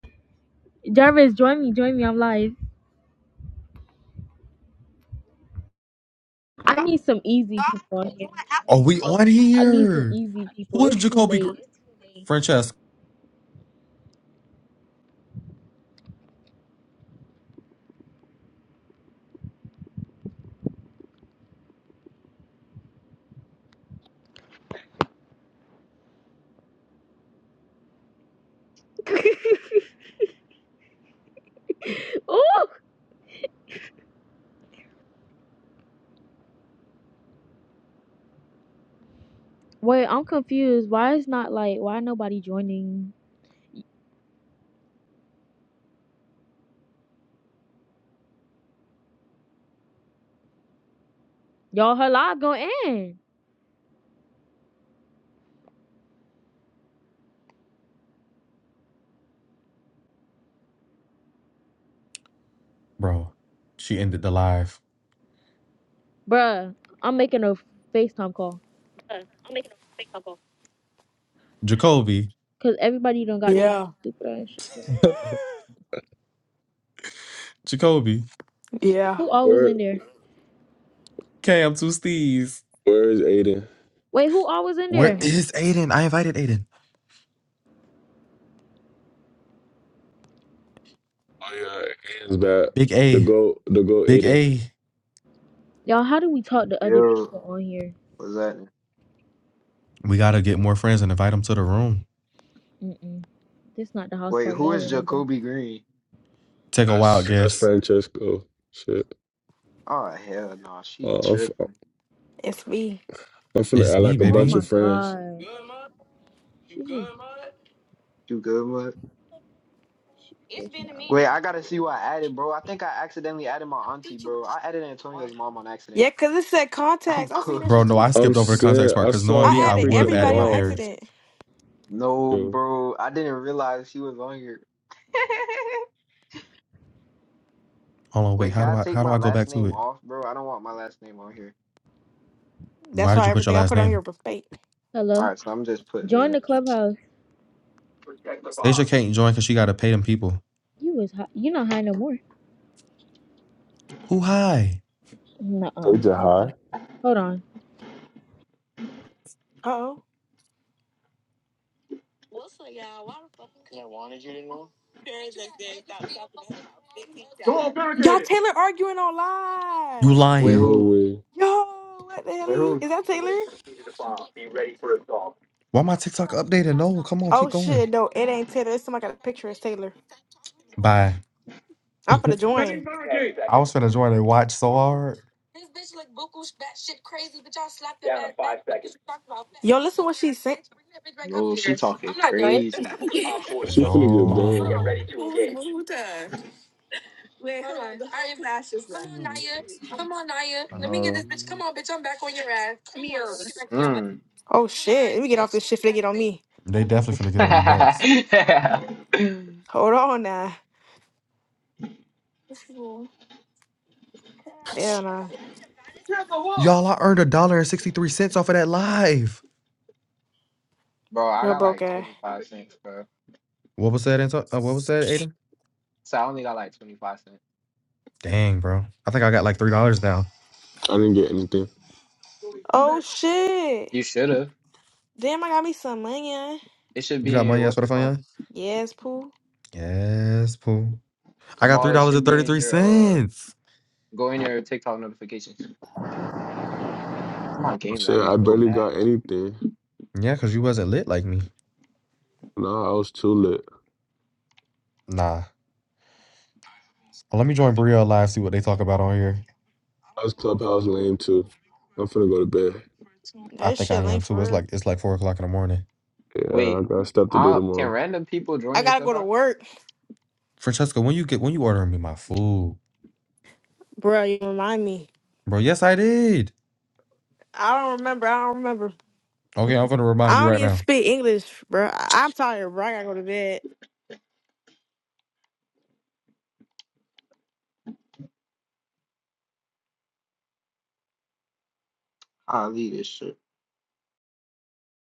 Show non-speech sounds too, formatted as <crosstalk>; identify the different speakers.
Speaker 1: Jarvis, join me, join me. I'm live. I need some easy people on here.
Speaker 2: Are we on
Speaker 1: I need some
Speaker 2: here?
Speaker 1: easy people.
Speaker 2: Who is
Speaker 1: It's too
Speaker 2: Jacoby Gr-
Speaker 1: late.
Speaker 2: Francesca?
Speaker 1: <laughs> Oh Wait, I'm confused. Why is not like why nobody joining? Y'all, her live going in,
Speaker 2: Bro, she ended the live.
Speaker 1: bruh. I'm making a FaceTime call
Speaker 3: I'll make it a fake couple.
Speaker 2: Jacoby.
Speaker 1: because everybody don't got their
Speaker 3: Yeah,
Speaker 1: stupid ass shit. going.
Speaker 2: <laughs> Jacoby.
Speaker 3: yeah,
Speaker 1: Who always
Speaker 4: Where
Speaker 1: in there?
Speaker 2: Cam two steez.
Speaker 4: where is Aiden?
Speaker 1: Wait, who always in
Speaker 2: Where
Speaker 1: there?
Speaker 2: is Aiden? I invited Aiden.
Speaker 4: Oh yeah, Aiden's back.
Speaker 2: Big
Speaker 4: The
Speaker 2: A.
Speaker 4: go the go
Speaker 2: Big
Speaker 4: Aiden.
Speaker 2: A.
Speaker 1: Y'all, how do we talk to other
Speaker 5: Yo,
Speaker 1: people on here?
Speaker 5: what's that?
Speaker 2: We gotta get more friends and invite them to the room.
Speaker 1: Mm-mm. This not the house
Speaker 5: Wait,
Speaker 1: party.
Speaker 5: who
Speaker 1: I
Speaker 5: is
Speaker 1: remember.
Speaker 5: Jacoby Green?
Speaker 2: Take a wild
Speaker 4: That's that's
Speaker 2: guess.
Speaker 4: Francesco. Shit.
Speaker 5: Oh hell no, she
Speaker 4: Uh, I'm f-
Speaker 5: tripping.
Speaker 3: it's me.
Speaker 4: I'm finna
Speaker 2: It's
Speaker 4: act
Speaker 2: me,
Speaker 4: like a
Speaker 1: Oh
Speaker 4: bunch
Speaker 1: my
Speaker 2: baby.
Speaker 4: of friends.
Speaker 1: god, she just
Speaker 5: You good, bud?
Speaker 1: she wishing I
Speaker 5: Wait, I gotta see what I added, bro. I think I accidentally added my auntie, bro. I added Antonio's mom on accident.
Speaker 3: Yeah, cause it said
Speaker 5: <laughs> I'm
Speaker 3: contacts. I seen that
Speaker 5: cooked.
Speaker 2: Bro,
Speaker 3: shit
Speaker 2: no, I
Speaker 3: too.
Speaker 4: I'm
Speaker 2: skipped over the context
Speaker 4: saying
Speaker 2: part
Speaker 4: I
Speaker 2: because knowing
Speaker 4: saw
Speaker 2: me,
Speaker 3: I
Speaker 4: my
Speaker 2: I
Speaker 3: added
Speaker 2: would have
Speaker 4: freaking
Speaker 2: added
Speaker 3: everybody
Speaker 2: my
Speaker 3: on
Speaker 4: mom.
Speaker 2: parents.
Speaker 3: accident.
Speaker 5: No,
Speaker 4: Yo,
Speaker 5: bro, I didn't realize she was on here. <laughs>
Speaker 2: Hold on, wait.
Speaker 5: Wait, can
Speaker 2: How do
Speaker 5: I
Speaker 2: I
Speaker 5: take
Speaker 2: how do
Speaker 5: my
Speaker 2: I go
Speaker 5: last
Speaker 2: back to
Speaker 5: name
Speaker 2: it?
Speaker 5: off, bro? I don't want my last name on here.
Speaker 2: Why
Speaker 3: That's
Speaker 2: did
Speaker 3: why
Speaker 2: you put your
Speaker 3: everything I
Speaker 2: last
Speaker 3: put on here
Speaker 2: name?
Speaker 3: was fake.
Speaker 1: Hello.
Speaker 5: All right, so I'm just put
Speaker 1: Join
Speaker 5: the.
Speaker 1: the clubhouse.
Speaker 5: Protect the
Speaker 2: Stacia
Speaker 5: bomb.
Speaker 2: can't join because she gotta pay them people.
Speaker 1: You was high. You not high no more.
Speaker 2: Who high?
Speaker 4: they
Speaker 1: Nuh-uh.
Speaker 4: just
Speaker 1: Nobody.
Speaker 4: high.
Speaker 1: Hold on.
Speaker 3: Uh oh.
Speaker 5: Go on,
Speaker 3: Y'all
Speaker 5: it.
Speaker 3: Taylor arguing
Speaker 2: You
Speaker 3: online.
Speaker 5: Wait,
Speaker 2: lying.
Speaker 4: No
Speaker 5: who?
Speaker 4: way.
Speaker 3: Yo, what the hell?
Speaker 5: Wait, who?
Speaker 3: Is that
Speaker 5: Who has
Speaker 3: Taylor?
Speaker 5: located the bomb? Be ready for assault.
Speaker 2: Why my TikTok updated? No, come on, keep
Speaker 3: Oh
Speaker 2: going.
Speaker 3: shit, no, it ain't Taylor. It's somebody got a picture. It's Taylor.
Speaker 2: Bye.
Speaker 3: I'm finna
Speaker 5: Setting
Speaker 3: join.
Speaker 5: barricade. Ten
Speaker 2: I
Speaker 5: seconds.
Speaker 2: was finna join and watch so hard.
Speaker 5: Down in five seconds.
Speaker 3: Yo, listen what she said.
Speaker 5: Oh, she talking crazy. Op 4 has
Speaker 4: She finna
Speaker 5: located a
Speaker 4: get
Speaker 5: bomb.
Speaker 4: banned.
Speaker 5: Get
Speaker 2: No.
Speaker 5: ready to engage. Mm.
Speaker 4: I know.
Speaker 5: <laughs> Mm.
Speaker 3: Oh shit, let me get off this shit. If They get on me.
Speaker 2: They definitely finna
Speaker 5: Get
Speaker 2: get on you next.
Speaker 3: Hold on now. Hell nah.
Speaker 5: the wall!
Speaker 2: Y'all, I earned a dollar and 63 cents off of that live.
Speaker 5: bro, I
Speaker 3: You're
Speaker 5: got
Speaker 3: broke
Speaker 5: like
Speaker 3: ass.
Speaker 5: 25 cents, bro.
Speaker 2: What was that, Anto- uh, what was that, Aiden?
Speaker 5: So I only got like 25 cents.
Speaker 2: Dang, bro. I think I got like $3 now.
Speaker 4: I didn't get anything.
Speaker 5: You
Speaker 3: Oh shit.
Speaker 5: should have.
Speaker 3: Damn, I got me some money. huh?
Speaker 5: It should
Speaker 2: You
Speaker 5: be
Speaker 2: got
Speaker 5: in your,
Speaker 2: money, I swear
Speaker 5: what's
Speaker 2: to
Speaker 5: it called?
Speaker 2: find
Speaker 3: Yes, poo.
Speaker 2: you? Yes, Pooh. I got
Speaker 5: Kamal, it should be in your, uh,
Speaker 2: $3.33.
Speaker 5: go in your TikTok notifications. Oh, my
Speaker 4: I'm
Speaker 5: game
Speaker 4: saying
Speaker 5: lagging
Speaker 4: I
Speaker 5: so
Speaker 4: barely
Speaker 5: bad.
Speaker 4: got anything.
Speaker 2: Yeah, because you wasn't lit like me.
Speaker 4: Nah, I was too lit.
Speaker 2: Nah. Well, let me join Brielle live, see what they talk about on here.
Speaker 4: I was clubhouse lame too. I'm finna go to bed.
Speaker 3: Nah,
Speaker 2: I
Speaker 3: This
Speaker 2: think I
Speaker 3: shit lame
Speaker 2: am
Speaker 3: for
Speaker 2: too. It's
Speaker 3: real.
Speaker 2: like it's like four o'clock in the morning.
Speaker 4: Yeah, I
Speaker 5: Wait,
Speaker 4: got stuff to do
Speaker 5: i can
Speaker 4: tomorrow.
Speaker 5: random people join
Speaker 3: I
Speaker 5: your
Speaker 3: gotta go to
Speaker 5: clubhouse?
Speaker 3: work.
Speaker 2: Francesca, when you get when you ordering me my food,
Speaker 3: Bruh, you remind me.
Speaker 2: bro? Yes, I did.
Speaker 3: I don't remember. I don't remember.
Speaker 2: Okay, I'm gonna remind you
Speaker 3: I don't
Speaker 2: right
Speaker 3: even
Speaker 2: now.
Speaker 3: speak English, bro. I- I'm tired, bro. I gotta go to bed.
Speaker 5: I'll leave this shit.